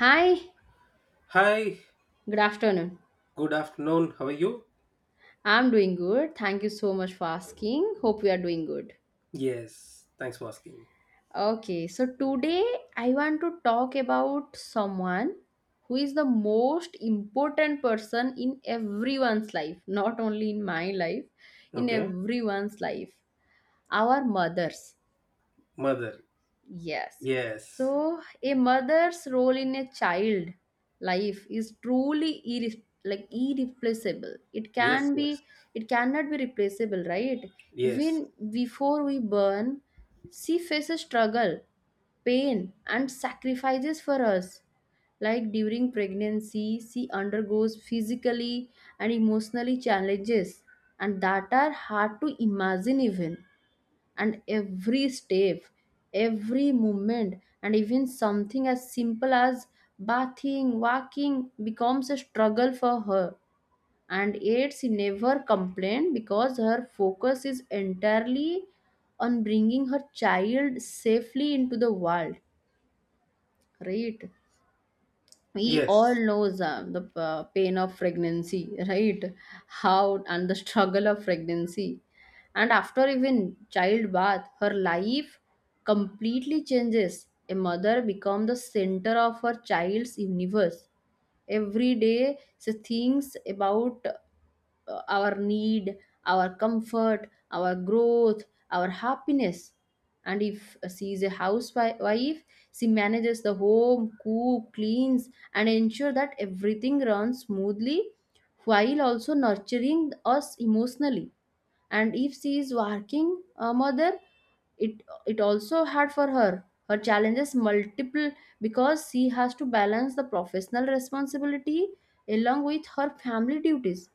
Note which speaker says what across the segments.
Speaker 1: Hi,
Speaker 2: Hi,
Speaker 1: good afternoon.
Speaker 2: good afternoon. How are you?
Speaker 1: I'm doing good. Thank you so much for asking. Hope we are doing good.
Speaker 2: Yes, thanks for asking.
Speaker 1: Okay, so today I want to talk about someone who is the most important person in everyone's life, not only in my life, in
Speaker 2: Okay,
Speaker 1: everyone's life. Our mothers.
Speaker 2: mother.
Speaker 1: Yes.
Speaker 2: Yes,
Speaker 1: So a mother's role in a child life is truly irreplaceable.
Speaker 2: yes, yes,
Speaker 1: It cannot be replaceable, right?
Speaker 2: yes,
Speaker 1: Even before we burn, she faces struggle, pain and sacrifices for us. Like during pregnancy, she undergoes physically and emotionally challenges and that are hard to imagine even, and every step, every movement, and even something as simple as bathing, walking becomes a struggle for her. And yet she never complained because her focus is entirely on bringing her child safely into the world, right? We all
Speaker 2: yes,
Speaker 1: knows the pain of pregnancy, right? How and the struggle of pregnancy, and after even childbirth her life completely changes. A mother becomes the center of her child's universe. Every day she thinks about our need, our comfort, our growth, our happiness. And if she is a housewife, she manages the home, cook, cleans, and ensure that everything runs smoothly while also nurturing us emotionally. And if she is working a mother, it also hard for her. Her challenges multiple because she has to balance the professional responsibility along with her family duties.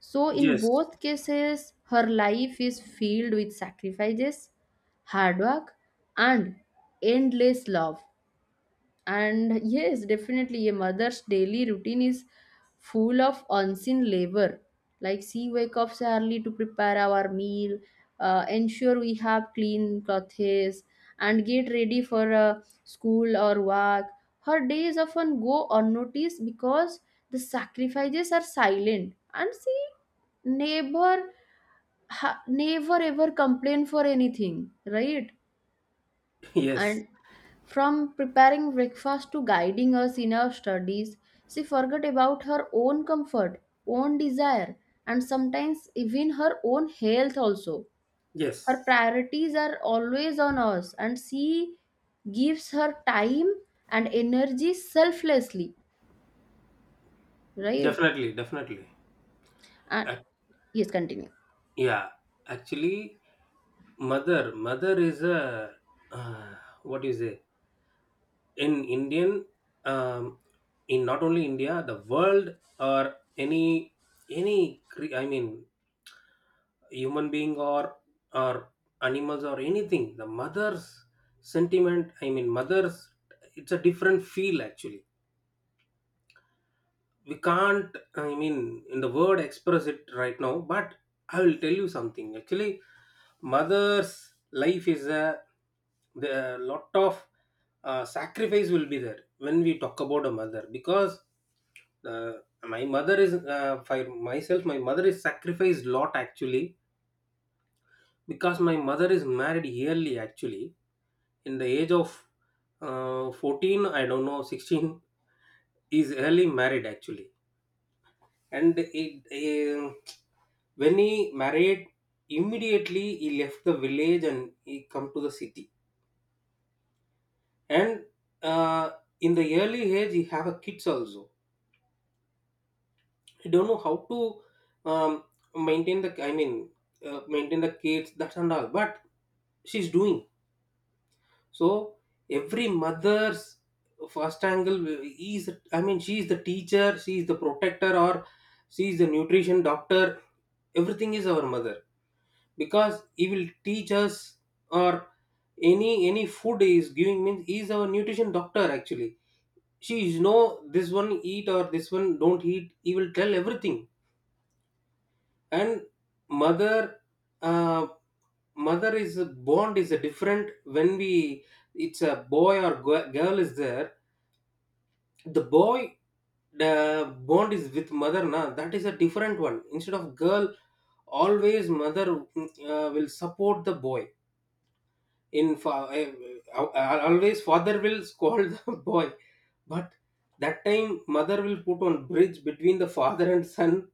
Speaker 1: So, in
Speaker 2: yes,
Speaker 1: both cases, her life is filled with sacrifices, hard work, and endless love. And yes, definitely a mother's daily routine is full of unseen labor. Like she wake up so early to prepare our meal, ensure we have clean clothes, and get ready for school or work. Her days often go unnoticed because the sacrifices are silent, and she never, never ever complain for anything, right?
Speaker 2: yes,
Speaker 1: And from preparing breakfast to guiding us in our studies, she forgot about her own comfort, own desire, and sometimes even her own health also. Her
Speaker 2: yes.
Speaker 1: priorities are always on us, and she gives her time and energy selflessly, right?
Speaker 2: Definitely, definitely.
Speaker 1: And
Speaker 2: Ac-
Speaker 1: yes, continue.
Speaker 2: yeah, actually, mother is a, uh, what do you say? In Indian, um, in not only India, the world, or I mean, human being, or animals, or anything, the mother's sentiment. I mean, mother's. It's a different feel actually, we can't, I mean, in the word express it right now, but I will tell you something actually. Mother's life is a the lot of sacrifice will be there when we talk about a mother, because uh, my mother is, for myself, my mother is sacrificed lot actually, because my mother is married yearly actually in the age of 14, I don't know, 16, is early married actually. And it, um, when he married, immediately he left the village and he come to the city. And uh, in the early age he have a kids also. He don't know how to, um, maintain the, maintain the kids that and all, but she's doing. So every mother's first angle is, I mean, she is the teacher, she is the protector, or she is the nutrition doctor. Everything is our mother, because he will teach us, or any food he is giving means he is our nutrition doctor actually. She is, no, this one eat or this one don't eat, he will tell everything. And mother uh, mother is a bond, is a different when we, it's a boy or girl is there. The boy, the bond is with mother na, that is a different one instead of girl. Always mother will support the boy. In fa- I- Always father will scold the boy, but that time mother will put on bridge between the father and son.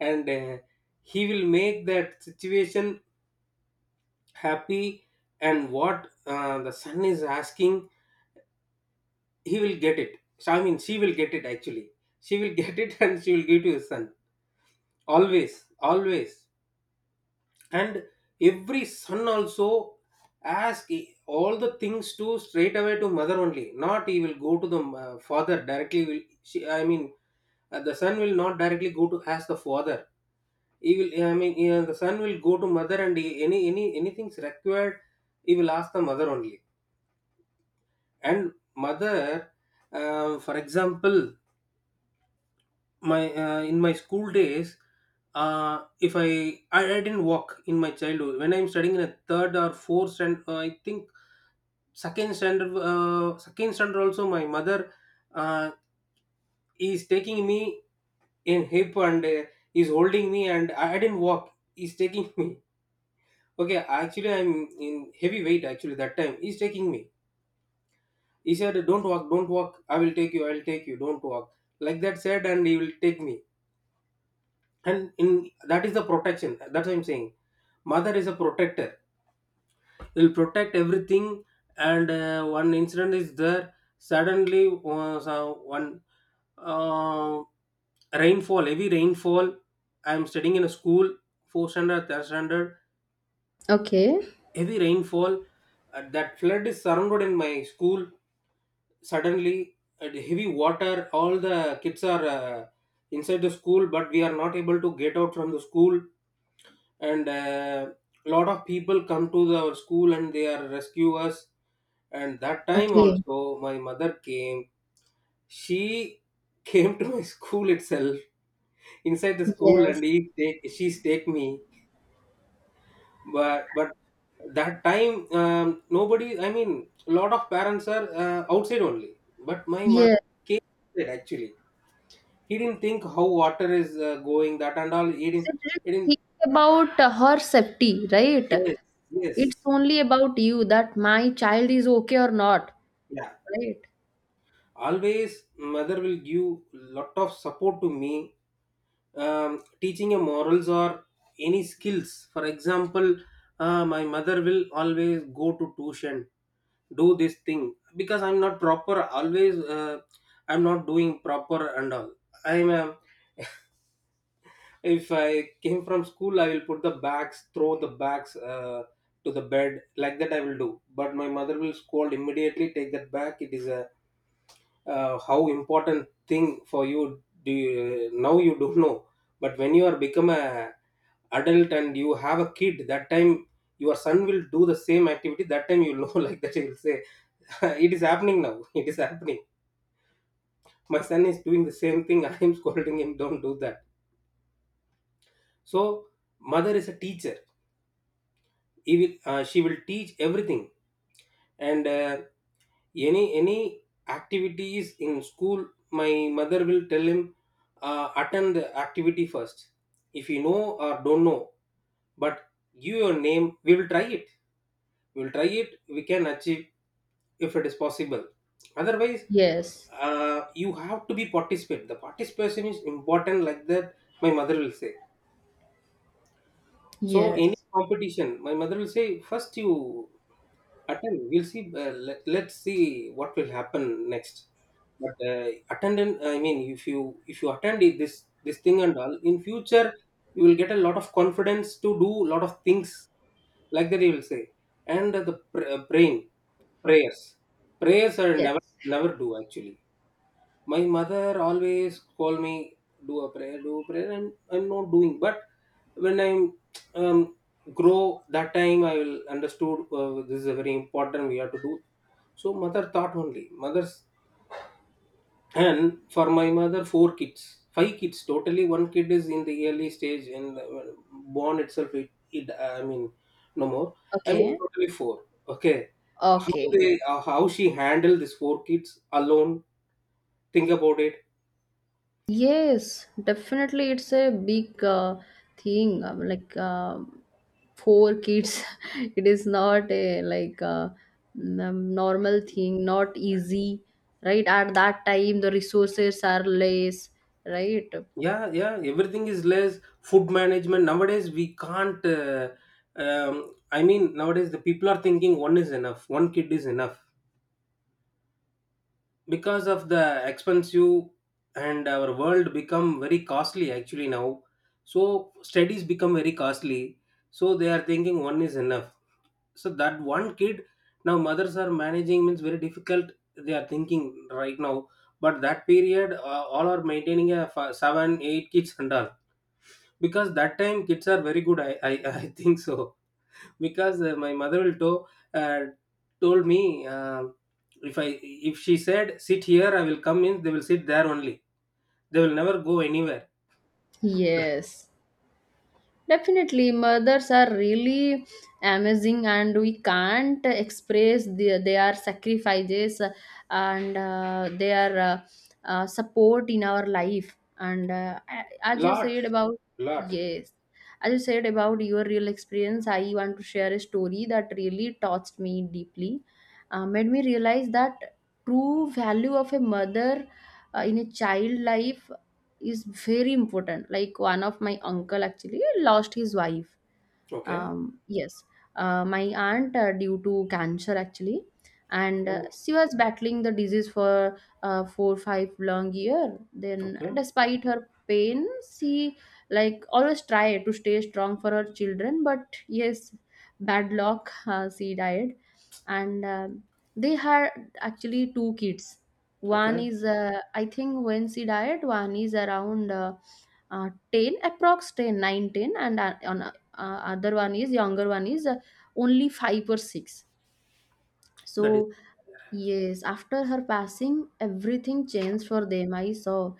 Speaker 2: And he will make that situation happy. And what, the son is asking, he will get it. So, I mean, she will get it actually. She will get it, and she will give to his son. Always, always. And every son also ask all the things to straight away to mother only, not he will go to the father directly. Will I mean, the son will not directly go to ask the father. He will, I mean, the son will go to mother, and he, any anything's required, he will ask the mother only. And mother, for example, my, in my school days, if I didn't walk in my childhood when I'm studying in a third or fourth standard, I think second standard, second standard also my mother uh, is taking me in hip, and is holding me, and I didn't walk, he's taking me okay. Actually, I'm in heavy weight actually, that time he's taking me. He said, don't walk, don't walk, I will take you, I'll take you, don't walk, like that said. And he will take me. And in that is the protection, that's what I'm saying. Mother is a protector, will protect everything. And one incident is there. Suddenly, so one uh, rainfall heavy rainfall, I'm studying in a school, fourth standard, third standard,
Speaker 1: Okay,
Speaker 2: heavy rainfall. That flood is surrounded in my school suddenly. The heavy water, all the kids are inside the school, but we are not able to get out from the school. And a lot of people come to our school, and they are rescue us. And that time
Speaker 1: okay,
Speaker 2: also my mother came. She came to my school itself, inside the school.
Speaker 1: yes,
Speaker 2: And he take she's take me. But that time, nobody, I mean, a lot of parents are outside only, but my
Speaker 1: yes.
Speaker 2: mother came inside actually. He didn't think how water is going that and all,
Speaker 1: She didn't
Speaker 2: he didn't.
Speaker 1: think about her safety, right?
Speaker 2: Yes,
Speaker 1: It's
Speaker 2: yes,
Speaker 1: only about you that my child is okay or not,
Speaker 2: yeah.
Speaker 1: right?
Speaker 2: Always mother will give lot of support to me, teaching a morals or any skills. For example, my mother will always go to tuition, do this thing, because I'm not proper always, I'm not doing proper and all. I'm a, if I came from school, I will put the bags, throw the bags to the bed. Like that, I will do. But my mother will scold immediately. Take that back. It is a, how important thing for you, do you, now you don't know. But when you are become a adult and you have a kid, that time your son will do the same activity. That time you know, like that he will say, it is happening now, it is happening. My son is doing the same thing, I am scolding him, don't do that. So mother is a teacher. She will teach everything. And any activities in school, my mother will tell him, attend the activity first, if you know or don't know, but give your name. We will try it, we will try it, we can achieve, if it is possible. Otherwise,
Speaker 1: Yes,
Speaker 2: you have to be participate, the participation is important, like that my mother will say. So any
Speaker 1: yes,
Speaker 2: competition, my mother will say, first you attend, we'll see. Let's see what will happen next. But attendant, I mean, if you attend this thing and all, in future, you will get a lot of confidence to do a lot of things, like that you will say. And the pr- praying prayers prayers are never,
Speaker 1: yes.
Speaker 2: never do actually. My mother always call me, do a prayer, do a prayer, and I'm not doing. But when I'm, um, grow, that time I will understood, this is a very important, we have to do. So mother thought only mother's. And for my mother, four kids, five kids totally, one kid is in the early stage, and born itself, it I mean, no more. I mean,
Speaker 1: Okay,
Speaker 2: totally four. Okay, how
Speaker 1: okay.
Speaker 2: they, how she handled these four kids alone, think about it.
Speaker 1: Yes, definitely, it's a big thing. Like four kids, it is not a like normal thing, not easy, right? At that time, the resources are less, right?
Speaker 2: Yeah, yeah, everything is less, food management. Nowadays we can't, I mean, nowadays the people are thinking one is enough, one kid is enough, because of the expensive. And our world become very costly actually now. So studies become very costly, so they are thinking one is enough. So that one kid, now mothers are managing means very difficult, they are thinking right now. But that period, all are maintaining a seven eight kids and all, because that time kids are very good, I, I think so. Because my mother will to uh, told me, if I if she said sit here, I will come in, they will sit there only, they will never go anywhere.
Speaker 1: Yes, definitely, mothers are really amazing, and we can't express their sacrifices and their support in our life. And as you
Speaker 2: Lot,
Speaker 1: said about,
Speaker 2: lot.
Speaker 1: yes, as you said about your real experience, I want to share a story that really touched me deeply, made me realize that true value of a mother in a child life is very important. Like one of my uncle actually lost his wife,
Speaker 2: Okay,
Speaker 1: yes, my aunt due to cancer actually, and
Speaker 2: oh,
Speaker 1: she was battling the disease for four five long year. Then,
Speaker 2: okay.
Speaker 1: despite her pain, she like always try to stay strong for her children. But yes, bad luck, she died, and they had actually two kids. One
Speaker 2: Okay,
Speaker 1: is I think when she died, one is around. 10 approx 10 nine ten, and on other one is younger one is only 5 or 6.
Speaker 2: that is.
Speaker 1: So yes, after her passing, everything changed for them. I saw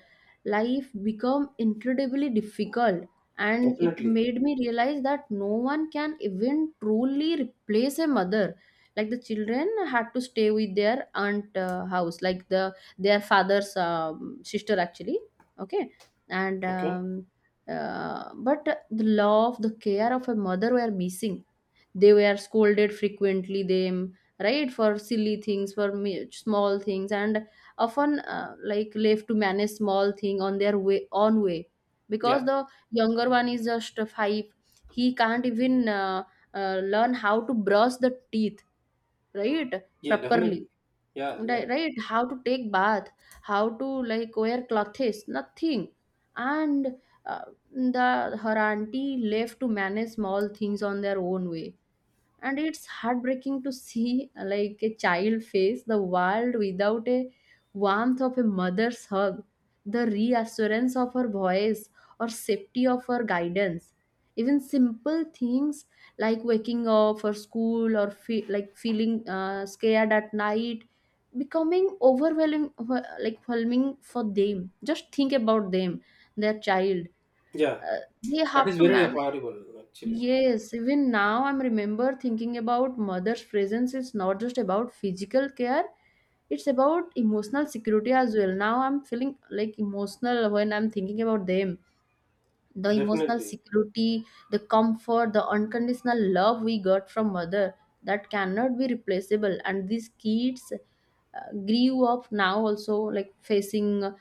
Speaker 1: life become incredibly difficult, and it
Speaker 2: Definitely.
Speaker 1: made me realize that no one can even truly replace a mother. Like the children had to stay with their aunt house, like the their father's sister actually. Okay, and
Speaker 2: Okay.
Speaker 1: but the love, the care of a mother were missing. They were scolded frequently them, right, for silly things, for small things, and often like left to manage small thing on their way own way
Speaker 2: Yeah,
Speaker 1: because the younger one is just five, he can't even learn how to brush the teeth, right,
Speaker 2: yeah,
Speaker 1: properly.
Speaker 2: definitely. Yeah, yeah,
Speaker 1: Right, how to take bath, how to like wear clothes, nothing. And uh, the her auntie left to manage small things on their own way, and it's heartbreaking to see like a child face the world without a warmth of a mother's hug, the reassurance of her voice, or safety of her guidance. Even simple things like waking up for school or like feeling scared at night becoming overwhelming, like overwhelming for them. Just think about them, their child,
Speaker 2: yeah.
Speaker 1: uh, they
Speaker 2: That
Speaker 1: have
Speaker 2: is
Speaker 1: to
Speaker 2: very
Speaker 1: manage.
Speaker 2: horrible actually.
Speaker 1: Yes, even now I'm remember thinking about mother's presence. It's not just about physical care, it's about emotional security as well. Now I'm feeling like emotional when I'm thinking about them, the emotional
Speaker 2: Definitely,
Speaker 1: security, the comfort, the unconditional love we got from mother, that cannot be replaceable. And these kids grew up now also like facing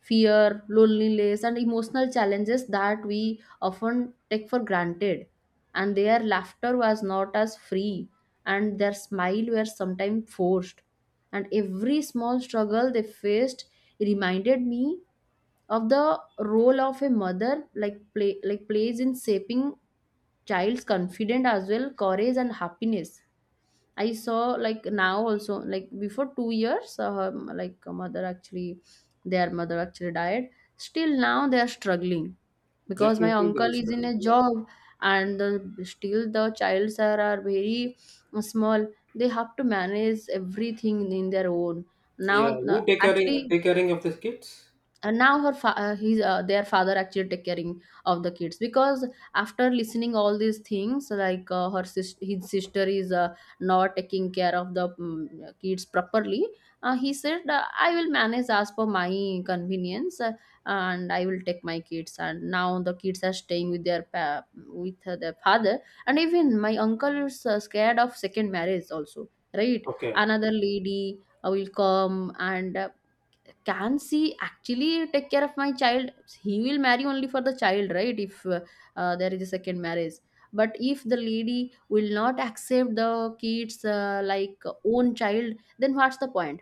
Speaker 1: fear, loneliness and emotional challenges that we often take for granted. And their laughter was not as free, and their smile were sometimes forced, and every small struggle they faced reminded me of the role of a mother like plays in shaping child's confidence as well, courage and happiness. I saw like now also, like before 2 years her mother actually, their mother actually died. Still now they are struggling because my
Speaker 2: definitely they will
Speaker 1: uncle is in
Speaker 2: struggle.
Speaker 1: a
Speaker 2: Yeah,
Speaker 1: job, and still the childs are very small. They have to manage everything in their own,
Speaker 2: yeah, who take care,
Speaker 1: actually.
Speaker 2: take caring of these kids.
Speaker 1: And now her fa- his their father actually take caring of the kids because after listening all these things, like his sister is not taking care of the kids properly. Uh, he said I will manage as per my convenience and I will take my kids, and now the kids are staying with with their father. And even my uncle is scared of second marriage also, right?
Speaker 2: Okay.
Speaker 1: Another lady will come, and can she actually take care of my child? He will marry only for the child, right? If there is a second marriage, but if the lady will not accept the kids like own child, then what's the point,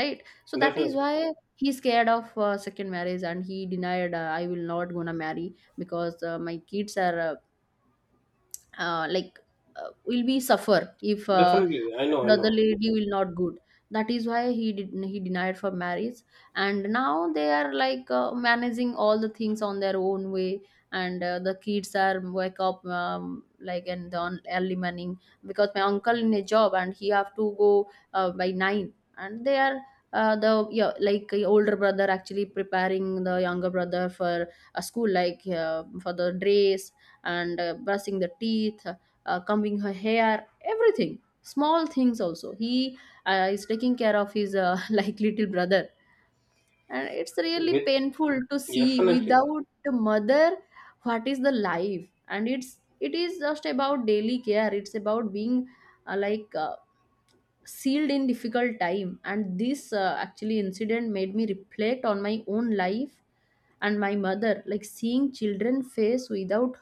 Speaker 1: right? So that is
Speaker 2: Definitely,
Speaker 1: why he's scared of second marriage, and he denied I will not gonna marry because my kids are like will be suffer if
Speaker 2: definitely, I know, I
Speaker 1: the other
Speaker 2: know,
Speaker 1: lady
Speaker 2: definitely.
Speaker 1: will not good. That is why he denied for marriage. And now they are like managing all the things on their own way. And the kids are wake up like and on early morning because my uncle in a job and he have to go by 9, and they are the yeah, like older brother actually preparing the younger brother for a school, like for the dress and brushing the teeth, combing her hair, everything. Small things also. He is taking care of his like little brother, and it's really
Speaker 2: With
Speaker 1: painful to see
Speaker 2: definitely,
Speaker 1: without the mother what is the life. And it's it is just about daily care. It's about being like. Sealed in difficult time. And this actually incident made me reflect on my own life and my mother, like seeing children face without —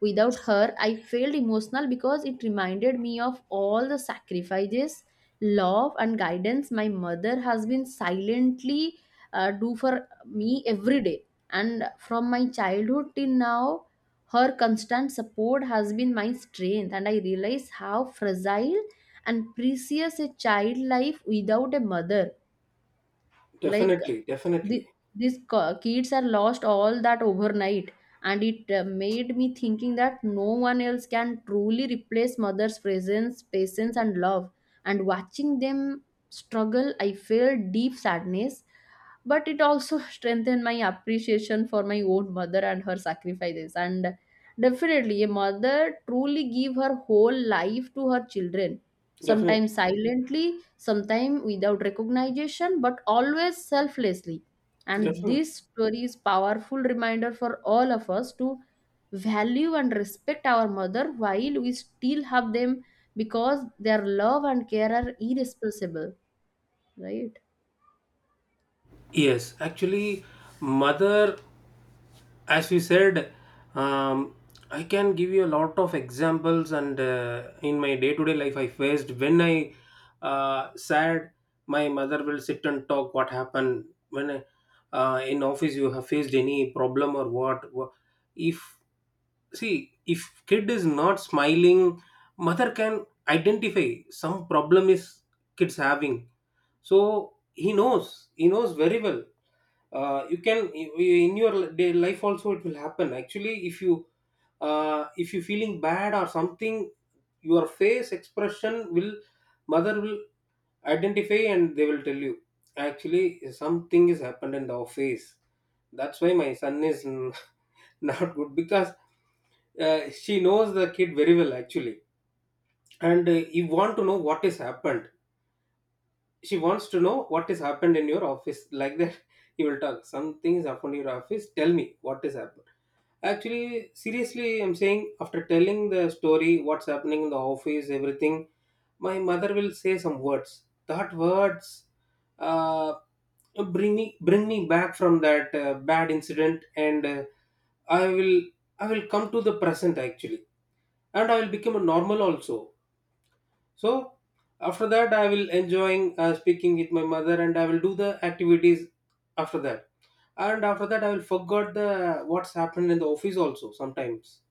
Speaker 1: without her, I felt emotional because it reminded me of all the sacrifices, love, and guidance my mother has been silently do for me every day. And from my childhood till now, her constant support has been my strength, and I realize how fragile and precious a child life without a mother. Like
Speaker 2: definitely, definitely,
Speaker 1: the, these kids are lost all that overnight, and it made me thinking that no one else can truly replace mother's presence, patience and love. And watching them struggle, I felt deep sadness, but it also strengthened my appreciation for my own mother and her sacrifices. And definitely a mother truly give her whole life to her children,
Speaker 2: definitely,
Speaker 1: sometimes silently, sometimes without recognition, but always selflessly. And
Speaker 2: definitely.
Speaker 1: this story is powerful reminder for all of us to value and respect our mother while we still have them, because their love and care are irrepressible, right?
Speaker 2: Yes, actually, mother, as we said, um, I can give you a lot of examples, and in my day to day life, I faced. When I, sad, my mother will sit and talk, what happened, when I, in office you have faced any problem or what. If, see if kid is not smiling, mother can identify some problem is kids having, so he knows, he knows very well. You can, in your day life also, it will happen actually. If you feeling bad or something, your face expression will, mother will identify, and they will tell you actually, something is happened in the office, that's why my son is not good. Because she knows the kid very well actually. And you want to know what is happened, she wants to know what has happened in your office. Like that, you will talk, something has happened in your office, tell me what has happened. Actually, seriously, I'm saying, after telling the story what's happening in the office, everything, my mother will say some words. That words, uh, bring me back from that bad incident, and i will I will come to the present actually. And I will become a normal also. So after that, I will enjoying speaking with my mother, and I will do the activities after that. And after that, I will forget the what's happened in the office also sometimes,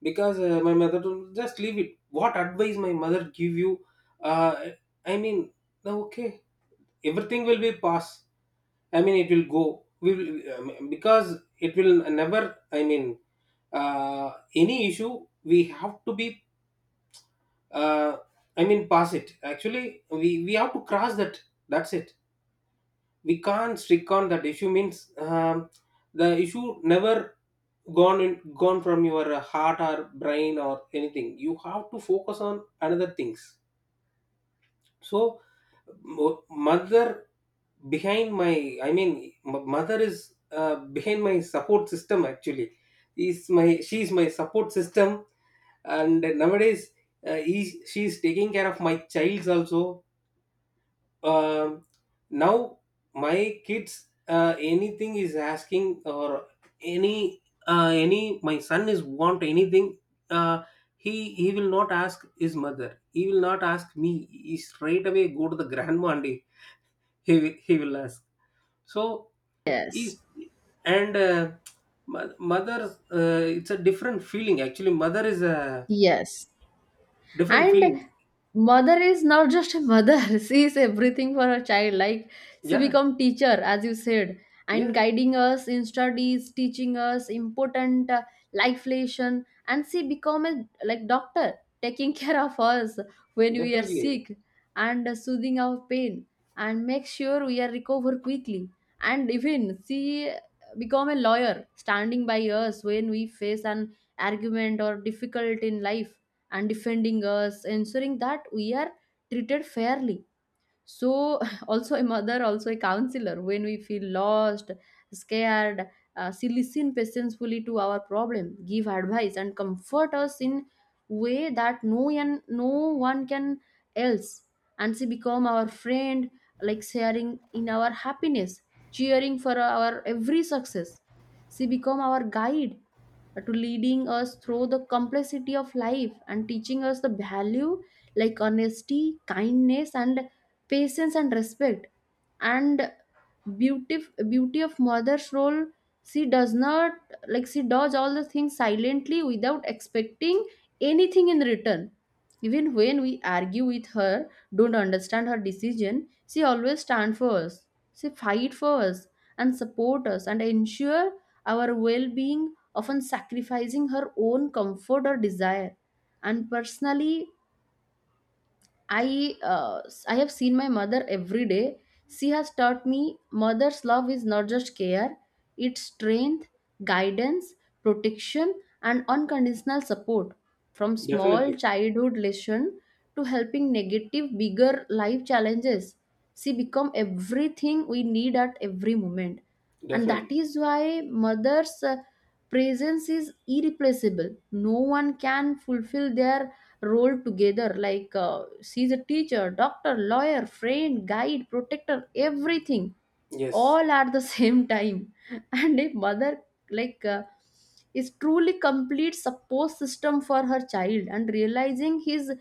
Speaker 2: because my mother told, just leave it. What advice my mother give you? Uh, I mean, no, okay, everything will be pass. I mean, it will go. We will, because it will never. I mean, any issue we have to be uh, I mean, pass it. Actually, we have to cross that. That's it. We can't stick on that issue. Means the issue never gone in, gone from your heart or brain or anything. You have to focus on another things. So, mother behind my, I mean, mother is behind my support system actually, is my, she is my support system. And nowadays, he, she is taking care of my childs also. Um Now my kids, anything is asking, or any, any, my son is want anything. uh, he will not ask his mother, he will not ask me, he straight away go to the grandma and he will ask. So
Speaker 1: Yes.
Speaker 2: is. And mother, it's a different feeling. Actually, mother is a
Speaker 1: Yes.
Speaker 2: different
Speaker 1: And
Speaker 2: feeling.
Speaker 1: mother is not just a mother she is everything for her child. Like, she
Speaker 2: Yeah,
Speaker 1: become teacher, as you said, and
Speaker 2: yeah.
Speaker 1: guiding us in studies, teaching us important life lesson. And she become a like doctor taking care of us when we are
Speaker 2: Definitely,
Speaker 1: sick, and soothing our pain and make sure we are recover quickly. And even she become a lawyer, standing by us when we face an argument or difficult in life, and defending us, ensuring that we are treated fairly. So, also a mother, also a counselor when we feel lost, scared. She listen patiently to our problem, give advice and comfort us in way that no one can else. And she become our friend, like sharing in our happiness, cheering for our every success. She become our guide, to leading us through the complexity of life and teaching us the value like honesty, kindness and patience and respect. And beauty, beauty of mother's role. She does not, like, she does all the things silently without expecting anything in return. Even when we argue with her, don't understand her decision, she always stands for us, she fight for us and support us and ensure our well-being, often sacrificing her own comfort or desire. And personally, I have seen my mother every day. She has taught me mother's love is not just care, it's strength, guidance, protection, and unconditional support. From small
Speaker 2: definitely,
Speaker 1: childhood lesson to helping negative bigger life challenges, she become everything we need at every moment, and that
Speaker 2: definitely.
Speaker 1: is why mother's presence is irreplaceable. No one can fulfill their role together like, she's a teacher, doctor, lawyer, friend, guide, protector, everything
Speaker 2: Yes,
Speaker 1: all at the same time. And a mother, like uh, is truly complete support system for her child, and realizing his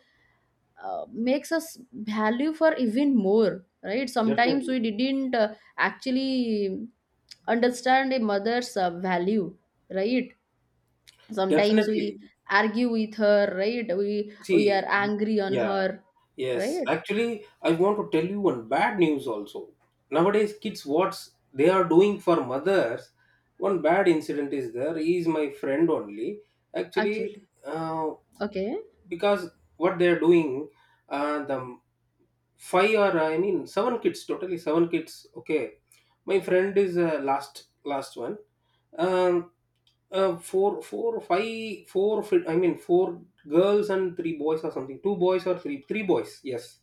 Speaker 1: makes us value for even more, right? Sometimes
Speaker 2: definitely,
Speaker 1: we didn't actually understand a mother's value, right? Sometimes we
Speaker 2: definitely.
Speaker 1: argue with her, right? We are
Speaker 2: See.
Speaker 1: angry on
Speaker 2: Yeah.
Speaker 1: her,
Speaker 2: Yes,
Speaker 1: right?
Speaker 2: actually I want to tell you one bad news also. Nowadays kids, what they are doing for mothers. One bad incident is there, he is my friend only. Actually,
Speaker 1: Actually,
Speaker 2: uh,
Speaker 1: okay.
Speaker 2: because what they're doing, the five, or I mean, seven kids, totally seven kids, okay. My friend is last one. um four or five, four, I mean, four girls and three boys, or something. Two boys, or three boys. Yes,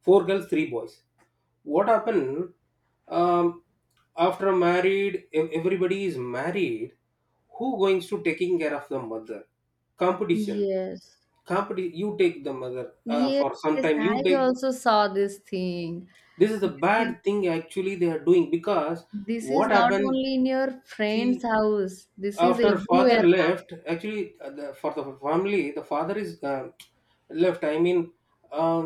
Speaker 2: four girls, three boys. What happened? um, After married, everybody is married. Who going to taking care of the mother? Competition,
Speaker 1: Yes,
Speaker 2: competition. You take the mother,
Speaker 1: yes,
Speaker 2: for some
Speaker 1: yes,
Speaker 2: time you
Speaker 1: I
Speaker 2: take.
Speaker 1: also saw this thing.
Speaker 2: This is a
Speaker 1: This
Speaker 2: bad
Speaker 1: is,
Speaker 2: thing actually they are doing, because
Speaker 1: this is
Speaker 2: what
Speaker 1: not
Speaker 2: happened,
Speaker 1: only in your
Speaker 2: see,
Speaker 1: friend's house, this is
Speaker 2: after father
Speaker 1: everywhere now.
Speaker 2: left actually, the, for the family, the father is left, I mean, um,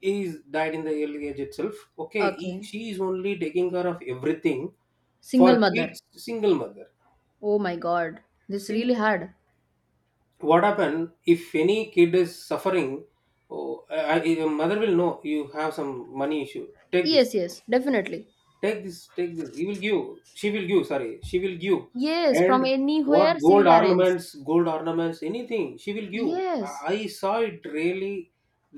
Speaker 2: he's died in the early age itself. Okay, he,
Speaker 1: Okay.
Speaker 2: she is only taking care of everything for
Speaker 1: Single mother.
Speaker 2: kids. Single mother.
Speaker 1: Oh my god, this is really
Speaker 2: See
Speaker 1: hard.
Speaker 2: what happen if any kid is suffering. Oh, mother will know. You have some money issue, take this.
Speaker 1: Yes, yes, definitely.
Speaker 2: Take this, take this, he will give. She will give, sorry, she will give.
Speaker 1: Yes, from
Speaker 2: And what,
Speaker 1: anywhere she
Speaker 2: gold
Speaker 1: will arrange.
Speaker 2: ornaments, gold ornaments, anything she will give. i
Speaker 1: Yes.
Speaker 2: I saw it really.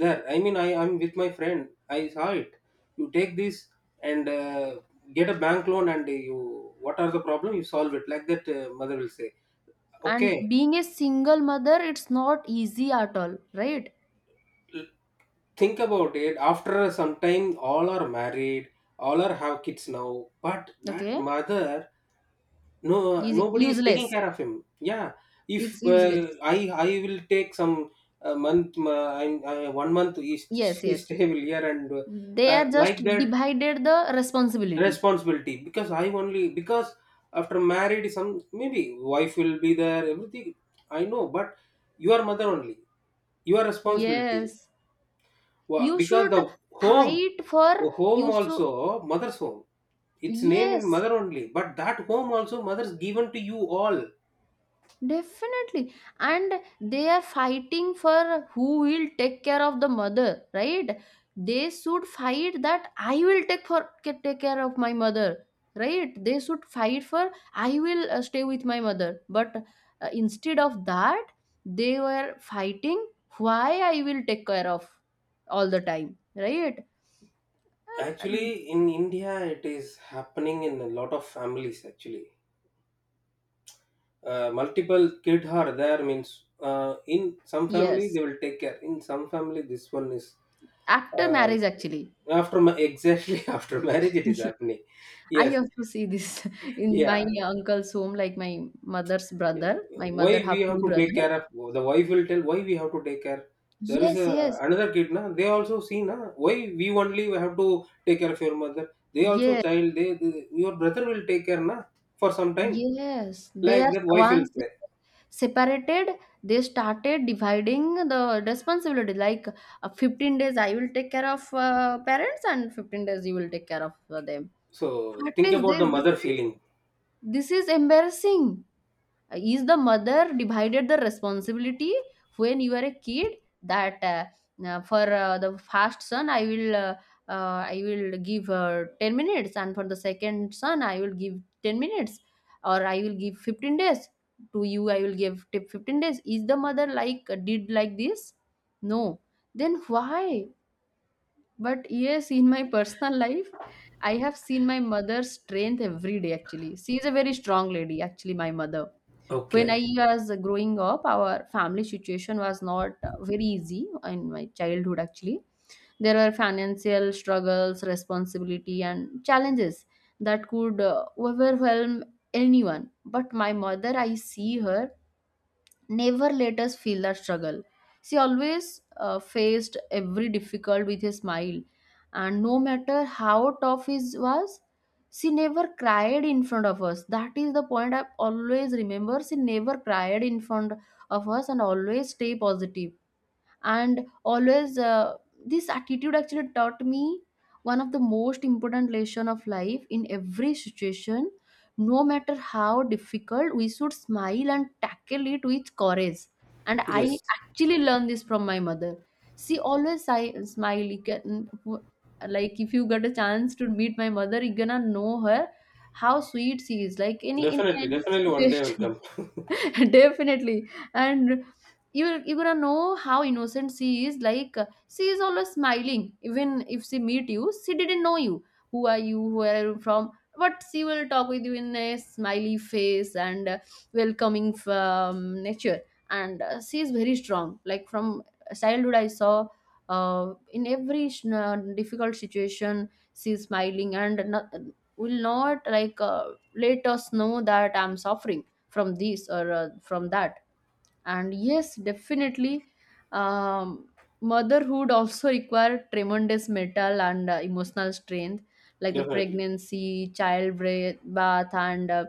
Speaker 2: There, I mean, I'm with my friend, I saw it. You take this, and get a bank loan, and you, what are the problem, you solve it, like that, mother will say. Okay.
Speaker 1: And being a single mother, it's not easy at all, right?
Speaker 2: l- think about it. After some time, all are married, all are have kids now, but that
Speaker 1: Okay.
Speaker 2: mother, no,
Speaker 1: Is
Speaker 2: nobody is taking
Speaker 1: useless.
Speaker 2: care of him. Yeah, if
Speaker 1: It's
Speaker 2: uh,
Speaker 1: useless.
Speaker 2: i I will take some month, one month he,
Speaker 1: Yes,
Speaker 2: he
Speaker 1: yes,
Speaker 2: stay will here, and
Speaker 1: they are just
Speaker 2: like that
Speaker 1: divided the responsibility.
Speaker 2: responsibility, because I only, because after married, some, maybe wife will be there, everything, I know, but your mother only, your responsibility.
Speaker 1: Yes, you
Speaker 2: Because
Speaker 1: should
Speaker 2: home
Speaker 1: fight for,
Speaker 2: the
Speaker 1: you
Speaker 2: home
Speaker 1: should.
Speaker 2: also mother's home. Its name in
Speaker 1: Yes.
Speaker 2: mother only, but that home also mother's given to you all.
Speaker 1: Definitely. And they are fighting for who will take care of the mother, right? They should fight that I will take for take care of my mother, right? They should fight for I will stay with my mother. But instead of that, they were fighting why I will take care of all the time, right? Uh, uh,
Speaker 2: Actually, in India, it is happening in a lot of families. Actually, multiple kid are there, means, in some family
Speaker 1: yes,
Speaker 2: they will take care. In some family, this one is
Speaker 1: after
Speaker 2: uh,
Speaker 1: marriage actually.
Speaker 2: after exactly after marriage it is happening.
Speaker 1: I
Speaker 2: Yes,
Speaker 1: also see this in my
Speaker 2: yeah.
Speaker 1: uncle's home, like my mother's brother. My
Speaker 2: Why
Speaker 1: mother
Speaker 2: we
Speaker 1: have
Speaker 2: have
Speaker 1: two
Speaker 2: to take
Speaker 1: brothers.
Speaker 2: care of, the wife will tell, why we have to take care. There is
Speaker 1: Yes,
Speaker 2: a,
Speaker 1: yes,
Speaker 2: another kid na, they also see na, why we only have to take care of your mother. They also
Speaker 1: yes,
Speaker 2: child. They your brother will take care na for some time,
Speaker 1: yes. They
Speaker 2: like
Speaker 1: are
Speaker 2: that wife will
Speaker 1: once they
Speaker 2: say.
Speaker 1: separated, they started dividing the responsibility. Like 15 days I will take care of parents, and 15 days you will take care of them.
Speaker 2: So
Speaker 1: What
Speaker 2: think
Speaker 1: is
Speaker 2: about
Speaker 1: this?
Speaker 2: the
Speaker 1: This
Speaker 2: mother
Speaker 1: is,
Speaker 2: feeling.
Speaker 1: this is embarrassing. Is the mother divided the responsibility when you are a kid, that for the first son I will I will give 10 minutes, and for the second son I will give 10 minutes, or I will give 15 days to you, I will give 15 days? Is the mother like did like this? No. Then why? But yes, in my personal life, I have seen my mother's strength every day. Actually, she is a very strong lady, actually, my mother. When I
Speaker 2: Okay.
Speaker 1: was growing up, our family situation was not very easy in my childhood. Actually, there were financial struggles, responsibility and challenges that could overwhelm anyone. But my mother, I see her, never let us feel our struggle. She always faced every difficult with a smile, and no matter how tough it was, she never cried in front of us. That is the point I always remember. She never cried in front of us and always stay positive, and always, this attitude actually taught me one of the most important lesson of life: in every situation, no matter how difficult, we should smile and tackle it with courage. And I
Speaker 2: Yes,
Speaker 1: actually learned this from my mother. She always smile. You can, like, if you get a chance to meet my mother, you're gonna know her, how sweet she is, like any, in
Speaker 2: definitely,
Speaker 1: any
Speaker 2: definitely, one day I will
Speaker 1: situation.
Speaker 2: come.
Speaker 1: Definitely. And you're gonna know how innocent she is, like she is always smiling. Even if she meet you, she didn't know you, who are you, where are you from, but she will talk with you in a smiley face. And welcoming from nature. And she is very strong. Like, from childhood I saw in every difficult situation, she is smiling and not, will not like let us know that I'm suffering from this or from that. And yes, definitely. um, motherhood also require tremendous mental and emotional strength, like the
Speaker 2: Definitely,
Speaker 1: pregnancy, bath and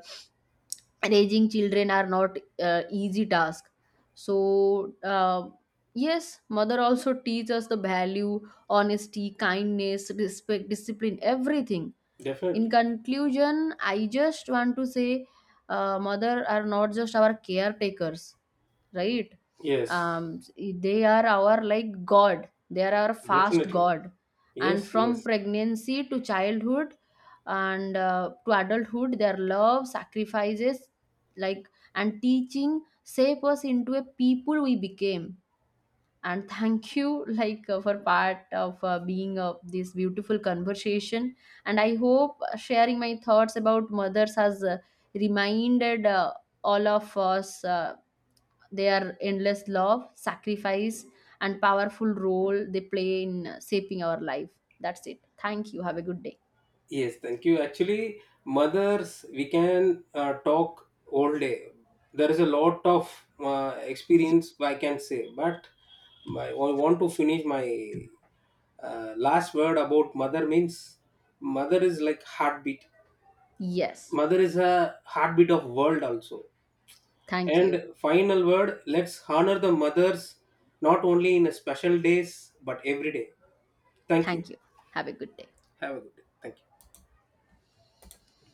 Speaker 1: raising children are not easy task. So, yes, mother also teaches us the value: honesty, kindness, respect, discipline, everything. In
Speaker 2: definitely.
Speaker 1: conclusion, I just want to say, mother are not just our caretakers, right?
Speaker 2: Yes,
Speaker 1: um, they are our like god, they are our fast
Speaker 2: definitely.
Speaker 1: god. And
Speaker 2: Yes,
Speaker 1: from
Speaker 2: yes.
Speaker 1: pregnancy to childhood and to adulthood, their love, sacrifices like, and teaching shape us into a people we became. And thank you, like for part of being this beautiful conversation. And I hope sharing my thoughts about mothers has reminded all of us their endless love, sacrifice and powerful role they play in shaping our life. That's it, thank you, have a good day.
Speaker 2: Yes, thank you. Actually, mothers, we can talk all day. There is a lot of
Speaker 1: Yeah.
Speaker 2: experience I can say, but my, I want to finish my last word about mother, means mother is like heartbeat.
Speaker 1: Yes,
Speaker 2: Mother is a heartbeat of world also.
Speaker 1: thank you.
Speaker 2: And final word, let's honor the mothers, not only in a special days, but every day. Thank you.
Speaker 1: Thank you, have a good day.
Speaker 2: Have a good day. Thank you.